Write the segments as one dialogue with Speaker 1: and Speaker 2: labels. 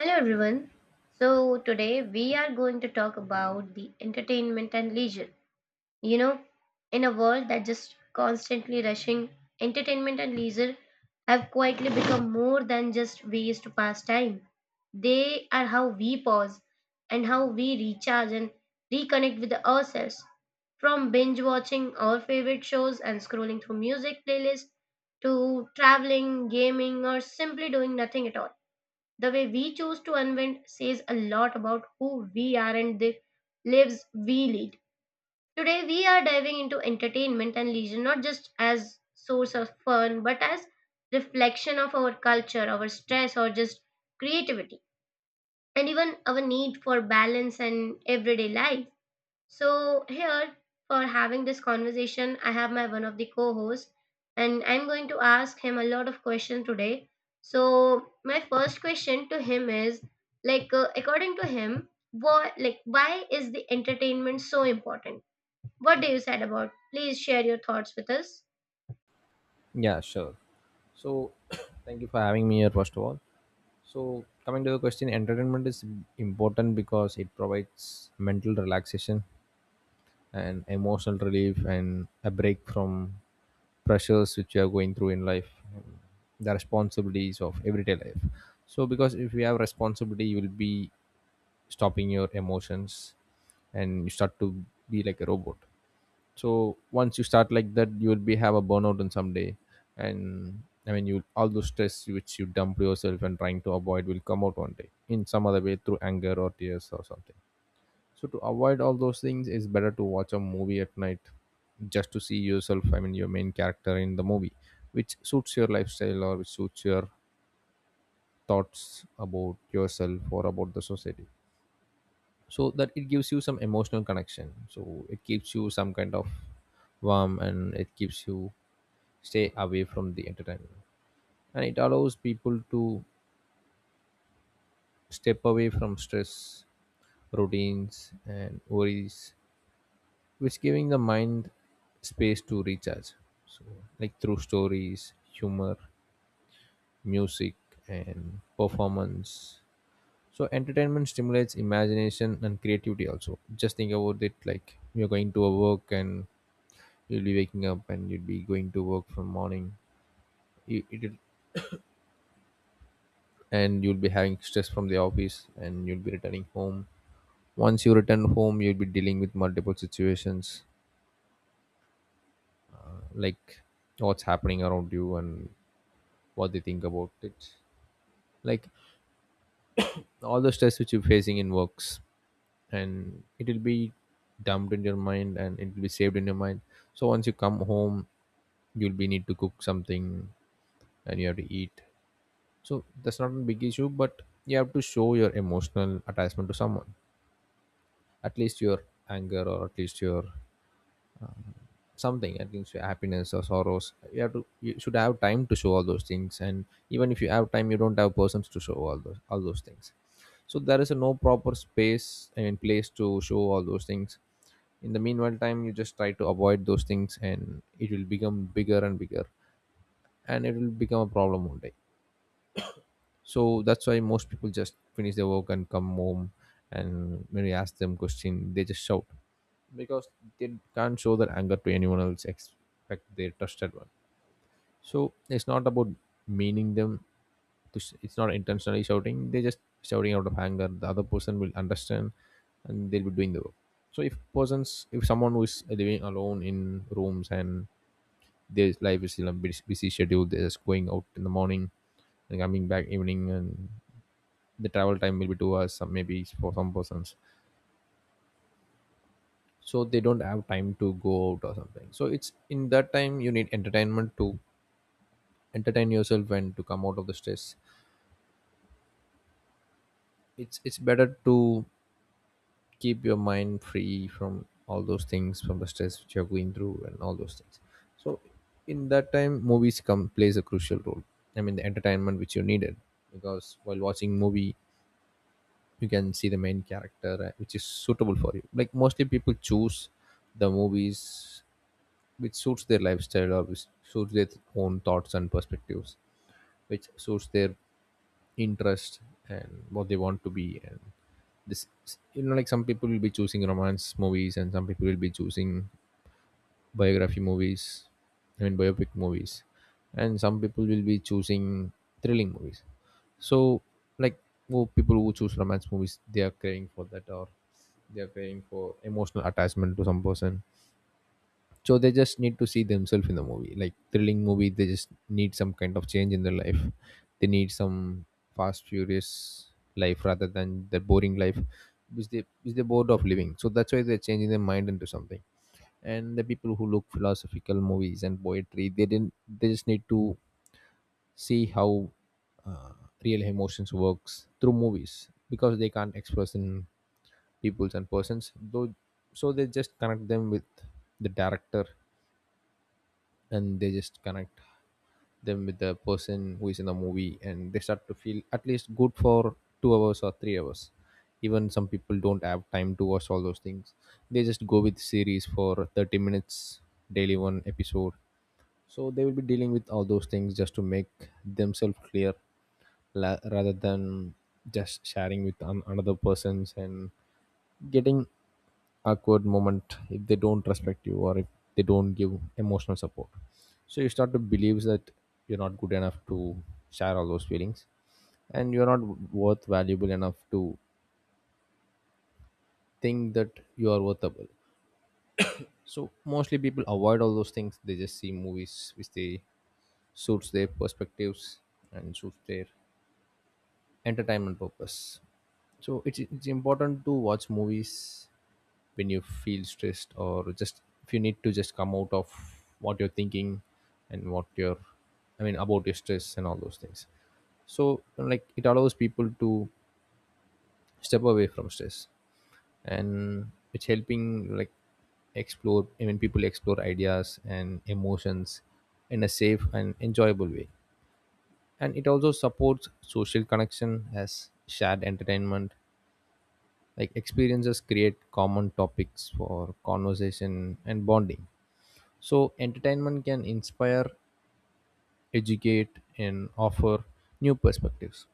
Speaker 1: Hello everyone. So, today we are going to talk about the entertainment and leisure. You know, in a world that just constantly rushing, entertainment and leisure have quietly become more than just ways to pass time. They are how we pause and how we recharge and reconnect with ourselves. From binge watching our favorite shows and scrolling through music playlists to traveling, gaming, or simply doing nothing at all, the way we choose to unwind says a lot about who we are and the lives we lead. Today, we are diving into entertainment and leisure not just as source of fun, but as reflection of our culture, our stress, or just creativity, and even our need for balance and everyday life. So here for having this conversation, I have my one of the co-hosts, and I'm going to ask him a lot of questions today. So my first question to him is like, according to him, what, like, why is the entertainment so important? What do you said about? Please share your thoughts with us.
Speaker 2: Yeah, sure. So, thank you for having me here, first of all. So, coming to the question, entertainment is important because it provides mental relaxation and emotional relief and a break from pressures which you are going through in life, and the responsibilities of everyday life. So, because if you have responsibility, you will be stopping your emotions and you start to be like a robot. So once you start like that you will be have a burnout on some day. And I mean you all those stress which you dump yourself and trying to avoid will come out one day in some other way through anger or tears or something. So to avoid all those things, it's better to watch a movie at night, just to see yourself, I mean your main character in the movie, which suits your lifestyle or which suits your thoughts about yourself or about the society, so that it gives you some emotional connection, so it gives you some kind of warm and it gives you stay away from the entertainment. And it allows people to step away from stress, routines and worries, which giving the mind space to recharge. So, like, through stories, humor, music, and performance, so entertainment stimulates imagination and creativity. Also, just think about it, like you're going to a work and you'll be waking up and you'll be going to work from morning. It, and you'll be having stress from the office and you'll be returning home. Once you return home you'll be dealing with multiple situations, like what's happening around you and what they think about it, like all the stress which you're facing in works, and it will be dumped in your mind and it will be saved in your mind. So once you come home you'll be need to cook something and you have to eat. So that's not a big issue, but you have to show your emotional attachment to someone, at least your anger, or at least your something, at least your happiness or sorrows. You have to, you should have time to show all those things. And even if you have time you don't have persons to show all those things. So there is a no proper space and place to show all those things. In the meanwhile time, you just try to avoid those things and it will become bigger and bigger, and it will become a problem one day. So that's why most people just finish their work and come home, and when we ask them question they just shout, because they can't show their anger to anyone else except their trusted one. So it's not about meaning them to it's not intentionally shouting, they just shouting out of anger. The other person will understand and they'll be doing the work. So if persons, if someone who is living alone in rooms, and their life is still a busy schedule, they're just going out in the morning and coming back evening, and the travel time will be 2 hours some, maybe for some persons. So they don't have time to go out or something, so it's in that time you need entertainment to entertain yourself and to come out of the stress. It's better to keep your mind free from all those things, from the stress which you're going through and all those things. So in that time movies come plays a crucial role, I mean the entertainment which you needed. Because while watching movie you can see the main character, which is suitable for you, like mostly people choose the movies which suits their lifestyle or which suits their own thoughts and perspectives, which suits their interest and what they want to be. And this, like, some people will be choosing romance movies and some people will be choosing biography movies, I mean biopic movies, and some people will be choosing thrilling movies. So, like, who people who choose romance movies, they are craving for that, or they are craving for emotional attachment to some person. So they just need to see themselves in the movie. Like thrilling movie, they just need some kind of change in their life, they need some fast furious life rather than the boring life which they which they're bored of living. So that's why they're changing their mind into something. And the people who look philosophical movies and poetry, they didn't, they just need to see how uh, real emotions works through movies, because they can't express in peoples and persons though. So they just connect them with the director, and they just connect them with the person who is in the movie, and they start to feel at least good for 2 hours or 3 hours. Even some people don't have time to watch all those things, they just go with series for 30 minutes, daily one episode. So they will be dealing with all those things just to make themselves clear, rather than just sharing with another persons, and getting awkward moment if they don't respect you, or if they don't give emotional support. So you start to believe that you're not good enough to share all those feelings, and you're not worth valuable enough to think that you are worthable. So mostly people avoid all those things, they just see movies which they suits their perspectives and suits their entertainment purpose. So it's important to watch movies when you feel stressed, or just if you need to just come out of what you're thinking and what you're, I mean about your stress and all those things. So, like, it allows people to step away from stress, and it's helping like explore, I mean people explore ideas and emotions in a safe and enjoyable way. And it also supports social connection, as shared entertainment like experiences create common topics for conversation and bonding. So entertainment can inspire, educate and offer new perspectives.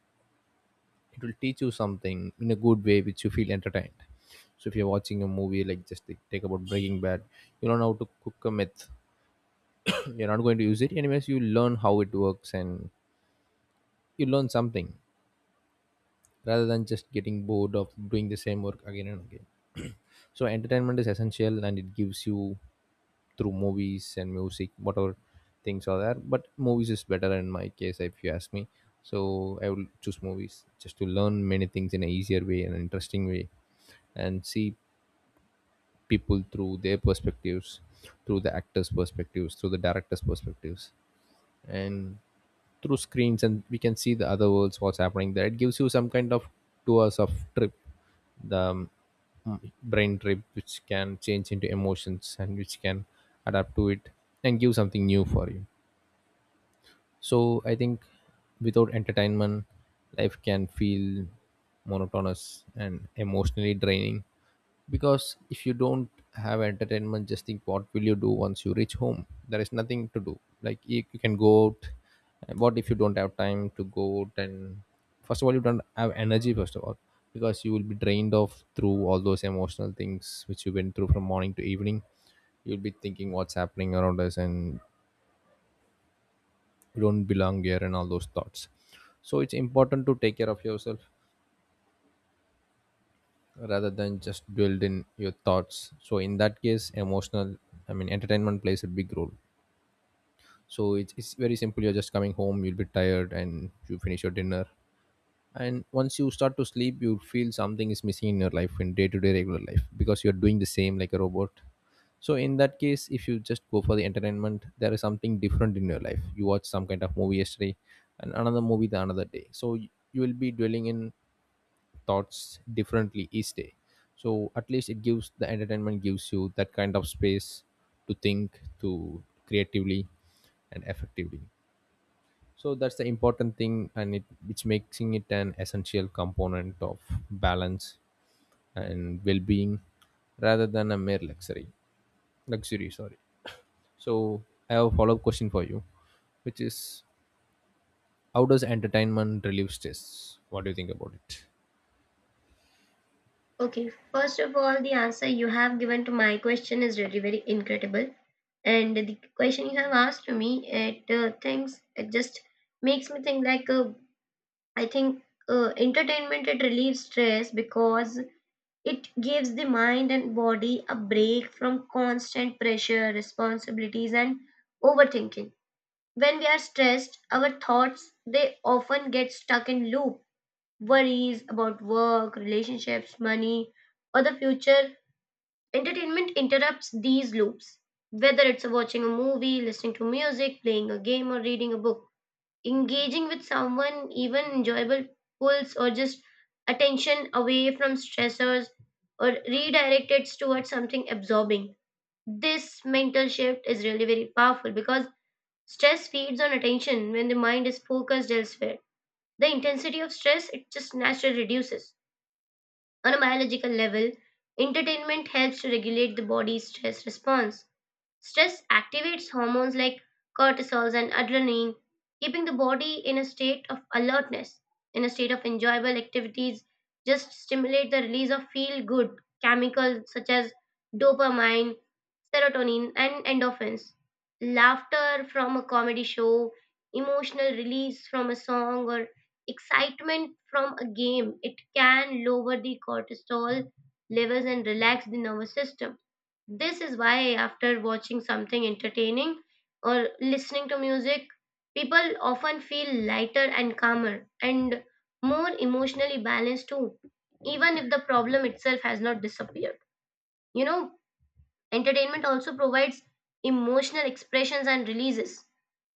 Speaker 2: It will teach you something in a good way which you feel entertained. So if you're watching a movie, like, just take about Breaking Bad, you learn how to cook a myth. You're not going to use it anyways, you learn how it works and you learn something, rather than just getting bored of doing the same work again and again. So entertainment is essential, and it gives you, through movies and music, whatever things are there, but movies is better in my case if you ask me. So I will choose movies just to learn many things in an easier way and an interesting way, and see people through their perspectives, through the actors perspectives, through the directors perspectives, and through screens and we can see the other worlds what's happening there. It gives you some kind of tours of trip, the brain trip, which can change into emotions and which can adapt to it and give something new for you. So I think without entertainment, life can feel monotonous and emotionally draining. Because if you don't have entertainment, just think, what will you do once you reach home? There is nothing to do. Like you can go out. And what if you don't have time to go out? And first of all, you don't have energy, first of all, because you will be drained off through all those emotional things which you went through from morning to evening. You'll be thinking what's happening around us, and you don't belong here, and all those thoughts. So it's important to take care of yourself, rather than just dwelled in your thoughts. So in that case emotional, I mean entertainment plays a big role. So it's very simple, you're just coming home, you'll be tired and you finish your dinner. And once you start to sleep you feel something is missing in your life, in day-to-day regular life, because you're doing the same like a robot. So in that case if you just go for the entertainment there is something different in your life. You watch some kind of movie yesterday and another movie the another day, so you will be dwelling in thoughts differently each day. So at least it gives, the entertainment gives you that kind of space to think, to creatively and effectively. So that's the important thing, and it which making it an essential component of balance and well-being, rather than a mere luxury. Luxury, sorry. So I have a follow-up question for you, which is, how does entertainment relieve stress? What do you think about it?
Speaker 1: Okay, first of all, the answer you have given to my question is really very incredible, and the question you have asked to me, it things it just makes me think like I think entertainment it relieves stress because it gives the mind and body a break from constant pressure, responsibilities, and overthinking. When we are stressed, our thoughts they often get stuck in loop. Worries about work, relationships, money, or the future. Entertainment interrupts these loops. Whether it's watching a movie, listening to music, playing a game, or reading a book, engaging with someone, even enjoyable, pulls or just attention away from stressors or redirect it towards something absorbing. This mental shift is really very powerful because stress feeds on attention when the mind is focused elsewhere. The intensity of stress it just naturally reduces. On a biological level, entertainment helps to regulate the body's stress response. Stress activates hormones like cortisols and adrenaline, keeping the body in a state of alertness. In a state of enjoyable activities, just stimulate the release of feel good chemicals such as dopamine, serotonin, and endorphins. Laughter from a comedy show, emotional release from a song, or excitement from a game, it can lower the cortisol levels and relax the nervous system. This is why, after watching something entertaining or listening to music, people often feel lighter and calmer and more emotionally balanced too, even if the problem itself has not disappeared. You know, entertainment also provides emotional expressions and releases.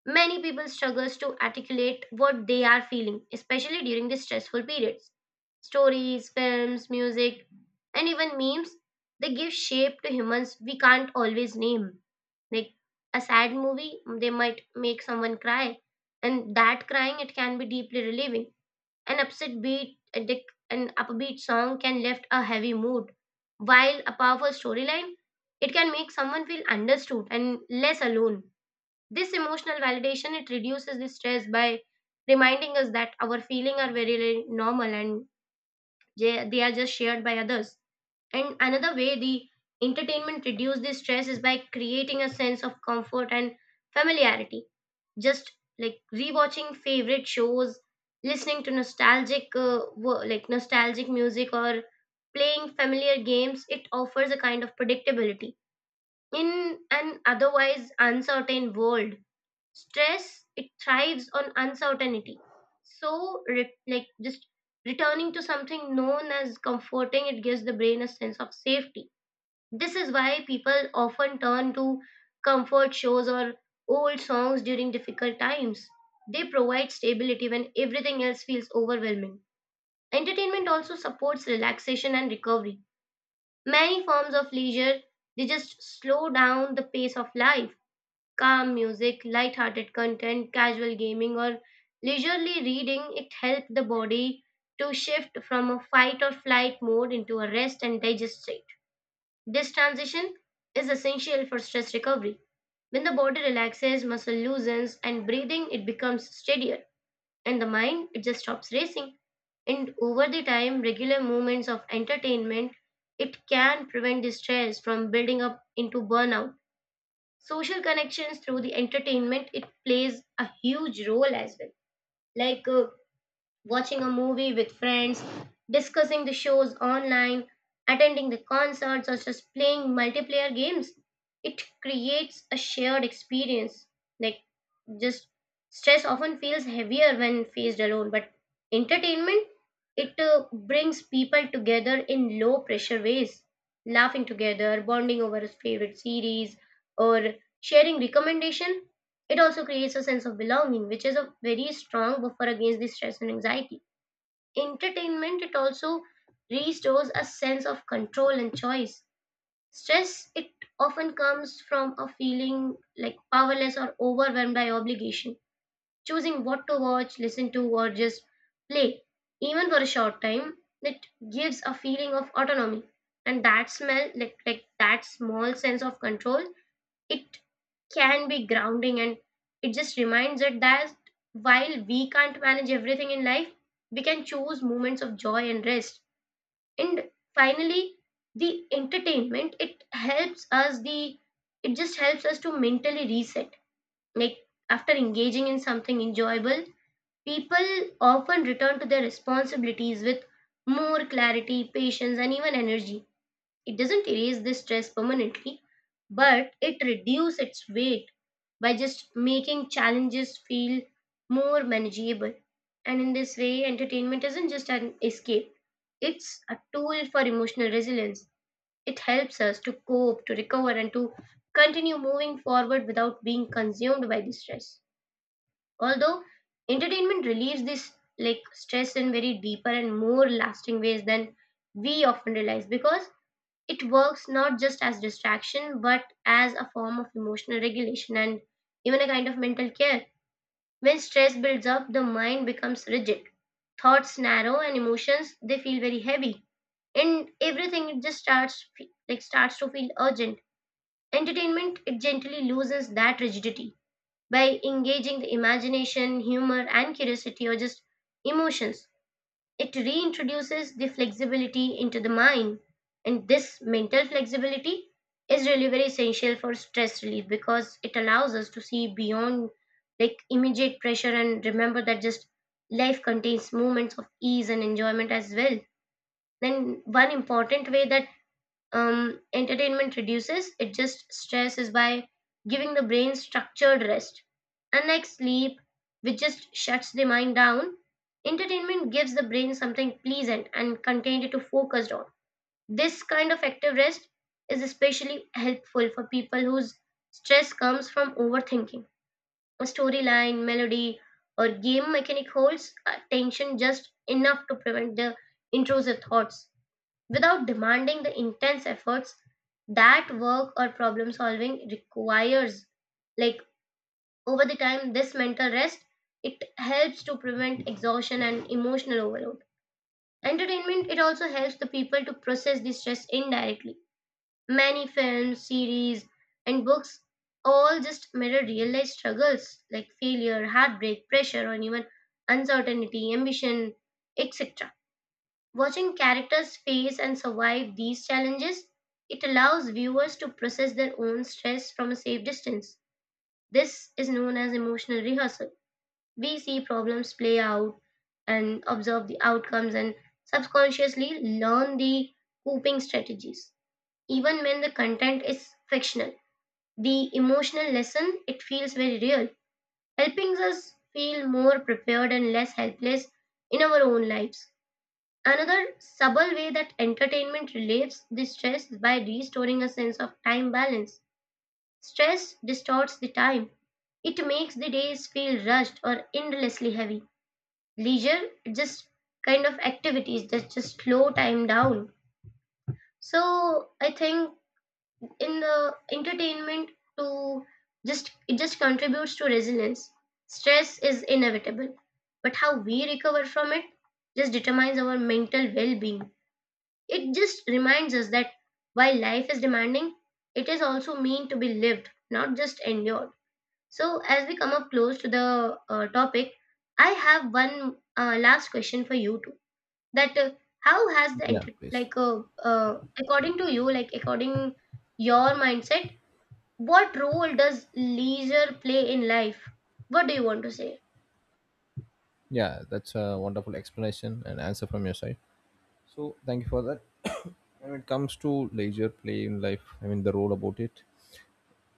Speaker 1: Many people struggles to articulate what they are feeling, especially during the stressful periods. Stories, films, music, and even memes, they give shape to humans we can't always name. Like a sad movie, they might make someone cry, and that crying it can be deeply relieving. An upset beat, an upbeat song can lift a heavy mood, while a powerful storyline, it can make someone feel understood and less alone. This emotional validation it reduces the stress by reminding us that our feelings are very, very normal and they are just shared by others. And another way the entertainment reduces the stress is by creating a sense of comfort and familiarity. Just like rewatching favorite shows, listening to nostalgic like nostalgic music or playing familiar games, it offers a kind of predictability in an otherwise uncertain world. Stress it thrives on uncertainty, so like just returning to something known as comforting it gives the brain a sense of safety. This is why people often turn to comfort shows or old songs during difficult times. They provide stability when everything else feels overwhelming. Entertainment also supports relaxation and recovery. Many forms of leisure they just slow down the pace of life. Calm music, light-hearted content, casual gaming, or leisurely reading, it helps the body to shift from a fight or flight mode into a rest and digest state. This transition is essential for stress recovery. When the body relaxes, muscle loosens, and breathing it becomes steadier, and the mind it just stops racing. And over the time, regular moments of entertainment it can prevent the stress from building up into burnout. Social connections through the entertainment it plays a huge role as well, like watching a movie with friends, discussing the shows online, attending the concerts, or just playing multiplayer games. It creates a shared experience. Like, just stress often feels heavier when faced alone, but entertainment, it brings people together in low pressure ways. Laughing together, bonding over a favorite series, or sharing recommendation, it also creates a sense of belonging, which is a very strong buffer against the stress and anxiety. Entertainment, it also restores a sense of control and choice. Stress, it often comes from a feeling like powerless or overwhelmed by obligation. Choosing what to watch, listen to, or just play, even for a short time, it gives a feeling of autonomy. And that smell, like that small sense of control, it can be grounding and it just reminds us that while we can't manage everything in life, we can choose moments of joy and rest. And finally, the entertainment it helps us, the it just helps us to mentally reset. Like, after engaging in something enjoyable, people often return to their responsibilities with more clarity, patience, and even energy. It doesn't erase the stress permanently, but it reduces its weight by just making challenges feel more manageable. And in this way, entertainment isn't just an escape, it's a tool for emotional resilience. It helps us to cope, to recover, and to continue moving forward without being consumed by the stress. Although entertainment relieves this like stress in very deeper and more lasting ways than we often realize, because it works not just as distraction, but as a form of emotional regulation and even a kind of mental care. When stress builds up, the mind becomes rigid. Thoughts narrow and emotions they feel very heavy. And everything it just like starts to feel urgent. Entertainment it gently loses that rigidity by engaging the imagination, humor and curiosity or just emotions. It reintroduces the flexibility into the mind, and this mental flexibility is really very essential for stress relief because it allows us to see beyond like immediate pressure and remember that just life contains moments of ease and enjoyment as well. Then, one important way that entertainment reduces, it just stresses by giving the brain structured rest. Unlike sleep, which just shuts the mind down, entertainment gives the brain something pleasant and contained to focus on. This kind of active rest is especially helpful for people whose stress comes from overthinking. A storyline, melody, or game mechanic holds attention just enough to prevent the intrusive thoughts without demanding the intense efforts that work or problem solving requires. Like, over the time this mental rest it helps to prevent exhaustion and emotional overload. Entertainment it also helps the people to process the stress indirectly. Many films, series, and books all just mirror real life struggles like failure, heartbreak, pressure, or even uncertainty, ambition, etc. Watching characters face and survive these challenges, it allows viewers to process their own stress from a safe distance. This is known as emotional rehearsal. We see problems play out and observe the outcomes and subconsciously learn the coping strategies. Even when the content is fictional, the emotional lesson it feels very real, helping us feel more prepared and less helpless in our own lives. Another subtle way that entertainment relieves the stress is by restoring a sense of time balance. Stress distorts the time. It makes the days feel rushed or endlessly heavy. Leisure just kind of activities that just slow time down. So I think in the entertainment to just it just contributes to resilience. Stress is inevitable, but how we recover from it just determines our mental well-being. It just reminds us that while life is demanding, it is also meant to be lived, not just endured. So, as we come up close to the topic, I have one last question for you too. That how has the
Speaker 2: Yeah,
Speaker 1: enter-
Speaker 2: please.
Speaker 1: like according to you, like according your mindset, what role does leisure play in life? What do you want to say?
Speaker 2: Yeah, that's a wonderful explanation and answer from your side, so thank you for that. When it comes to leisure play in life, I mean the role about it,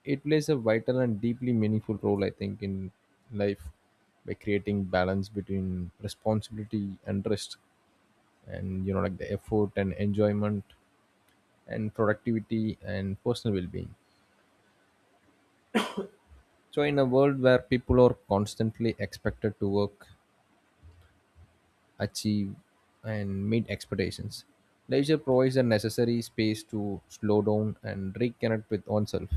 Speaker 2: it plays a vital and deeply meaningful role, I think, in life, by creating balance between responsibility and rest, and like the effort and enjoyment and productivity and personal well-being. So in a world where people are constantly expected to work, achieve, and meet expectations, leisure provides a necessary space to slow down and reconnect with oneself.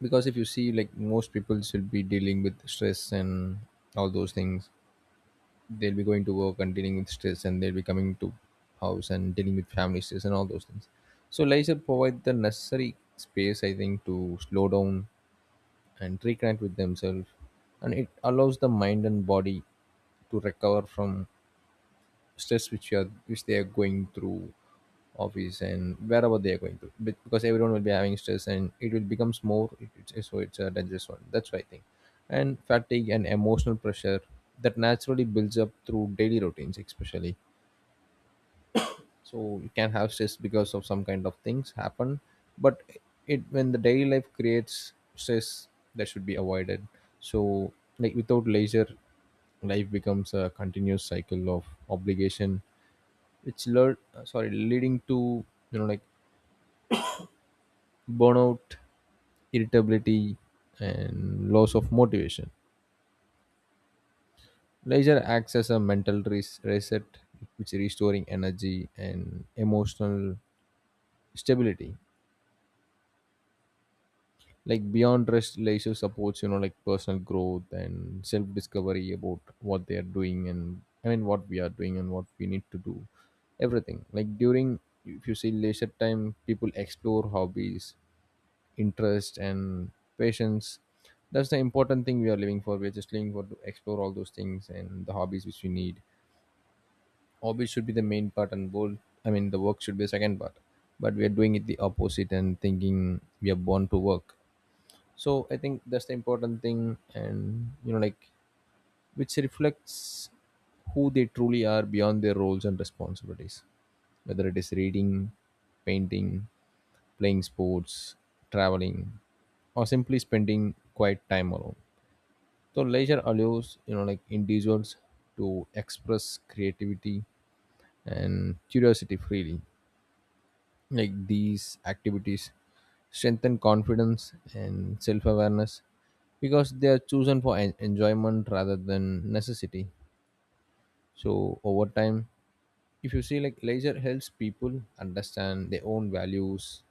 Speaker 2: Because if you see like most people should be dealing with stress and all those things, they'll be going to work and dealing with stress, and they'll be coming to house and dealing with family stress and all those things. So leisure provide the necessary space, I think, to slow down and reconnect with themselves, and it allows the mind and body to recover from stress, which they are going through office and wherever they are going because everyone will be having stress and it will becomes more, so it's a dangerous one, that's why I think, and fatigue and emotional pressure that naturally builds up through daily routines especially. So you can have stress because of some kind of things happen, but it when the daily life creates stress, that should be avoided. So like without leisure, life becomes a continuous cycle of obligation, which lead sorry leading to like burnout, irritability, and loss of motivation. Leisure acts as a mental reset, which restoring energy and emotional stability. Like beyond rest, leisure supports like personal growth and self discovery about what they are doing, and I mean what we are doing and what we need to do, everything like during, if you see leisure time, people explore hobbies, interest, and patience. That's the important thing we are living for, we're just living for to explore all those things and the hobbies which we need. Hobbies should be the main part and goal, I mean the work should be the second part, but we are doing it the opposite and thinking we are born to work. So I think that's the important thing, and like which reflects who they truly are beyond their roles and responsibilities. Whether it is reading, painting, playing sports, traveling, or simply spending quiet time alone. So leisure allows like individuals to express creativity and curiosity freely. Like these activities strengthen confidence and self awareness because they are chosen for enjoyment rather than necessity. So over time, if you see like leisure helps people understand their own values,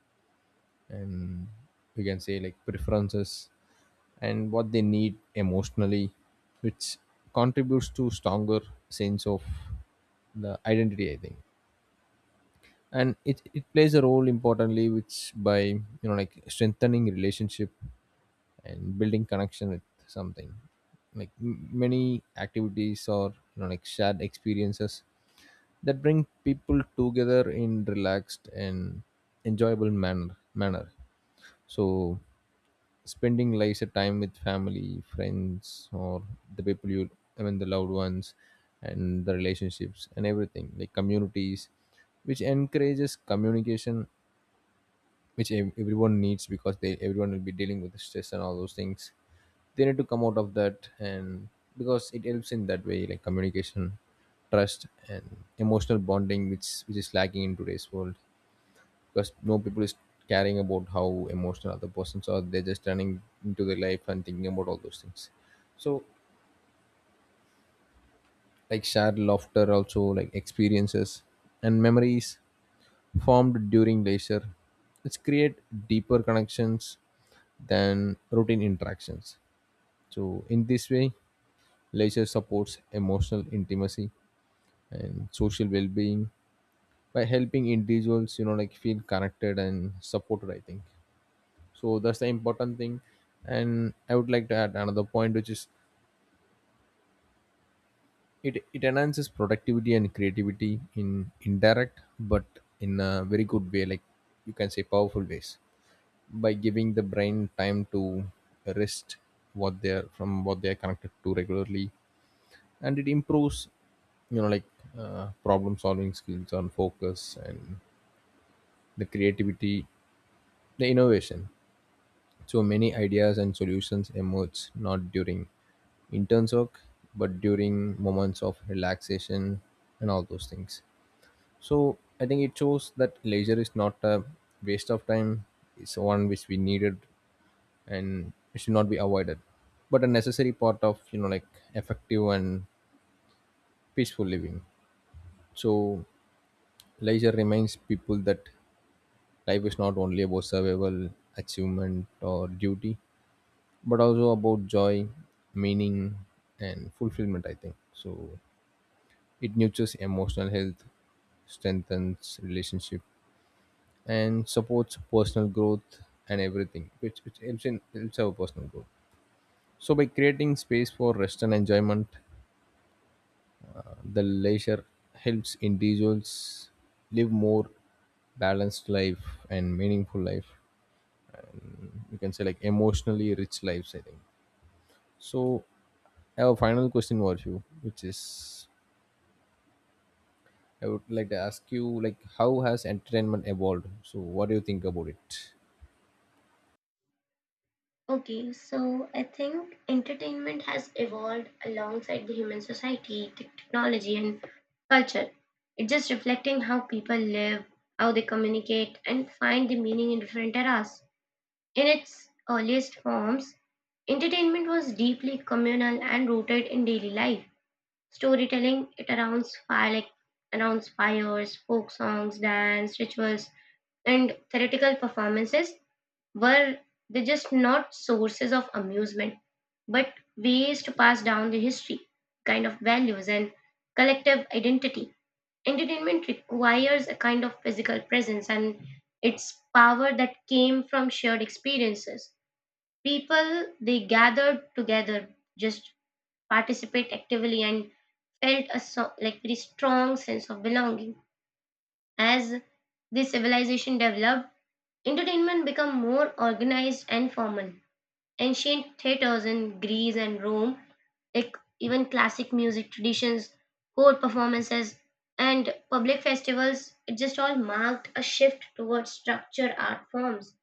Speaker 2: and we can say like preferences and what they need emotionally, which contributes to stronger sense of the identity, I think. And it plays a role importantly, which by like strengthening relationship and building connection with something, like many activities or like shared experiences that bring people together in relaxed and enjoyable manner. So spending like a time with family friends or the people you I mean the loved ones, and the relationships and everything like communities, which encourages communication, which everyone needs because they everyone will be dealing with the stress and all those things. They need to come out of that, and because it helps in that way like communication, trust, and emotional bonding, which is lacking in today's world, because no people is caring about how emotional other persons are, they're just running into their life and thinking about all those things. So like shared laughter, also like experiences and memories formed during leisure, which create deeper connections than routine interactions. So in this way, leisure supports emotional intimacy and social well-being by helping individuals, like feel connected and supported. I think so. That's the important thing, and I would like to add another point, which is it enhances productivity and creativity in indirect, but in a very good way, like you can say, powerful ways, by giving the brain time to rest what they're from what they're connected to regularly, and it improves like problem solving skills on focus and the creativity, the innovation. So many ideas and solutions emerge not during intense work, but during moments of relaxation and all those things. So I think it shows that leisure is not a waste of time, it's one which we needed, and it should not be avoided, but a necessary part of like effective and peaceful living. So leisure reminds people that life is not only about survival, achievement, or duty, but also about joy, meaning, and fulfillment, I think so. It nurtures emotional health, strengthens relationship, and supports personal growth, and everything which helps our personal growth. So by creating space for rest and enjoyment, the leisure helps individuals live more balanced life and meaningful life. You can say like emotionally rich lives, I think. So I have a final question for you, which is I would like to ask you like how has entertainment evolved? So what do you think about it?
Speaker 1: Okay, so I think entertainment has evolved alongside the human society, technology, and culture. It's just reflecting how people live, how they communicate, and find the meaning in different eras. In its earliest forms, entertainment was deeply communal and rooted in daily life. Storytelling it arounds fire like around fires, folk songs, dance, rituals, and theatrical performances were they just not sources of amusement, but ways to pass down the history, kind of values, and collective identity. Entertainment requires a kind of physical presence and its power that came from shared experiences. People, they gathered together, just participate actively and felt a so, like very strong sense of belonging. As this civilization developed, entertainment became more organized and formal. Ancient theaters in Greece and Rome, like even classic music traditions, choral performances, and public festivals, it just all marked a shift towards structured art forms.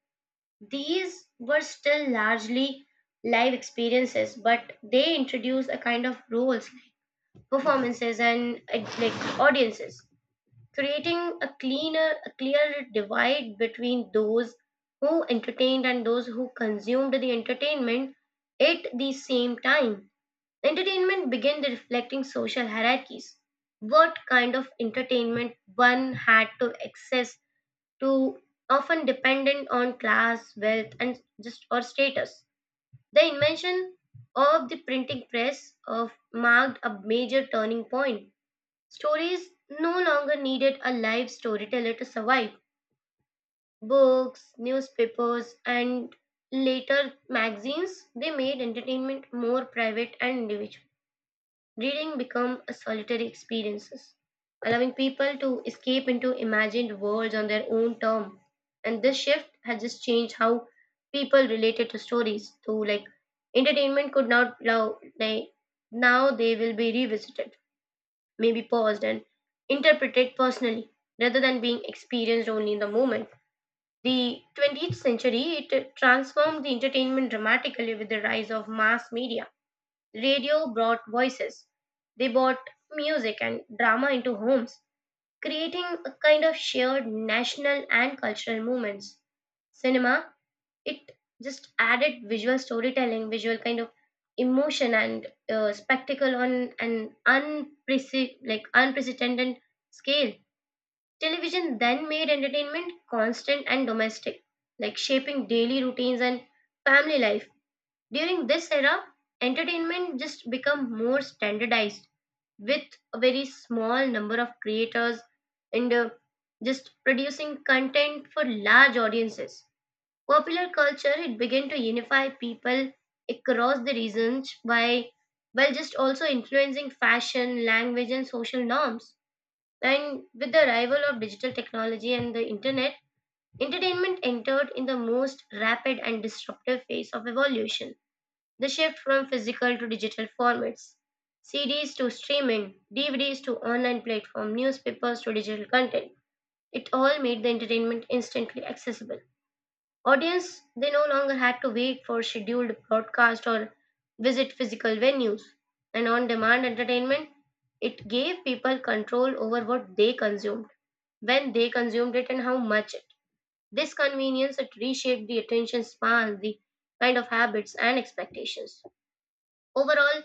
Speaker 1: These were still largely live experiences, but they introduced a kind of roles, performances, and like audiences, creating a clear divide between those who entertained and those who consumed the entertainment. At the same time, entertainment began reflecting social hierarchies. What kind of entertainment one had to access to often dependent on class, wealth, and just or status. The invention of the printing press of marked a major turning point. Stories no longer needed a live storyteller to survive. Books, newspapers, and later magazines, they made entertainment more private and individual. Reading became a solitary experience, allowing people to escape into imagined worlds on their own term. And this shift has just changed how people related to stories. So, like entertainment could not now they will be revisited, may be paused and interpreted personally rather than being experienced only in the moment. The 20th century it transformed the entertainment dramatically with the rise of mass media. Radio brought voices. They brought music and drama into homes, creating a kind of shared national and cultural movements. Cinema it just added visual storytelling, visual kind of emotion and spectacle on an like unprecedented scale. Television then made entertainment constant and domestic, like shaping daily routines and family life. During this era, entertainment just become more standardized with a very small number of creators and just producing content for large audiences. Popular culture it began to unify people across the regions by while just also influencing fashion, language and social norms. And with the arrival of digital technology and the internet, entertainment entered in the most rapid and disruptive phase of evolution. The shift from physical to digital formats, CDs to streaming, DVDs to online platform, newspapers to digital content. It all made the entertainment instantly accessible. Audience they no longer had to wait for scheduled broadcast or visit physical venues. And on demand entertainment, it gave people control over what they consumed, when they consumed it, and how much it. This convenience it reshaped the attention span, the kind of habits and expectations. Overall,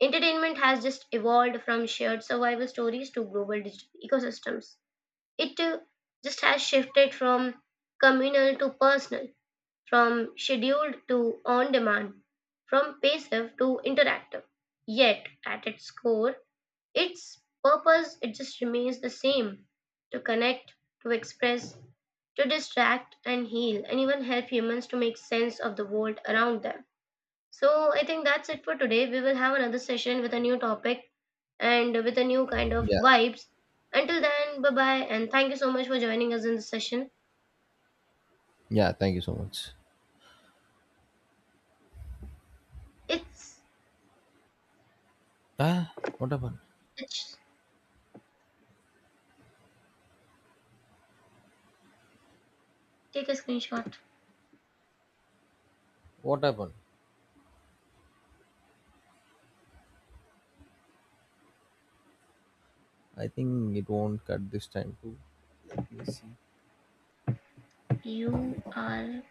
Speaker 1: entertainment has just evolved from shared survival stories to global digital ecosystems. It just has shifted from communal to personal, from scheduled to on demand, from passive to interactive. Yet, at its core, its purpose it just remains the same, to connect, to express, to distract and heal, and even help humans to make sense of the world around them. So, I think that's it for today. We will have another session with a new topic and with a new kind of
Speaker 2: Yeah.
Speaker 1: vibes. Until then, bye bye, and thank you so much for joining us in this session.
Speaker 2: Yeah, thank you so much.
Speaker 1: It's,
Speaker 2: Ah, what happened?
Speaker 1: it's take a screenshot.
Speaker 2: What happened? I think it won't cut this time too.
Speaker 1: You are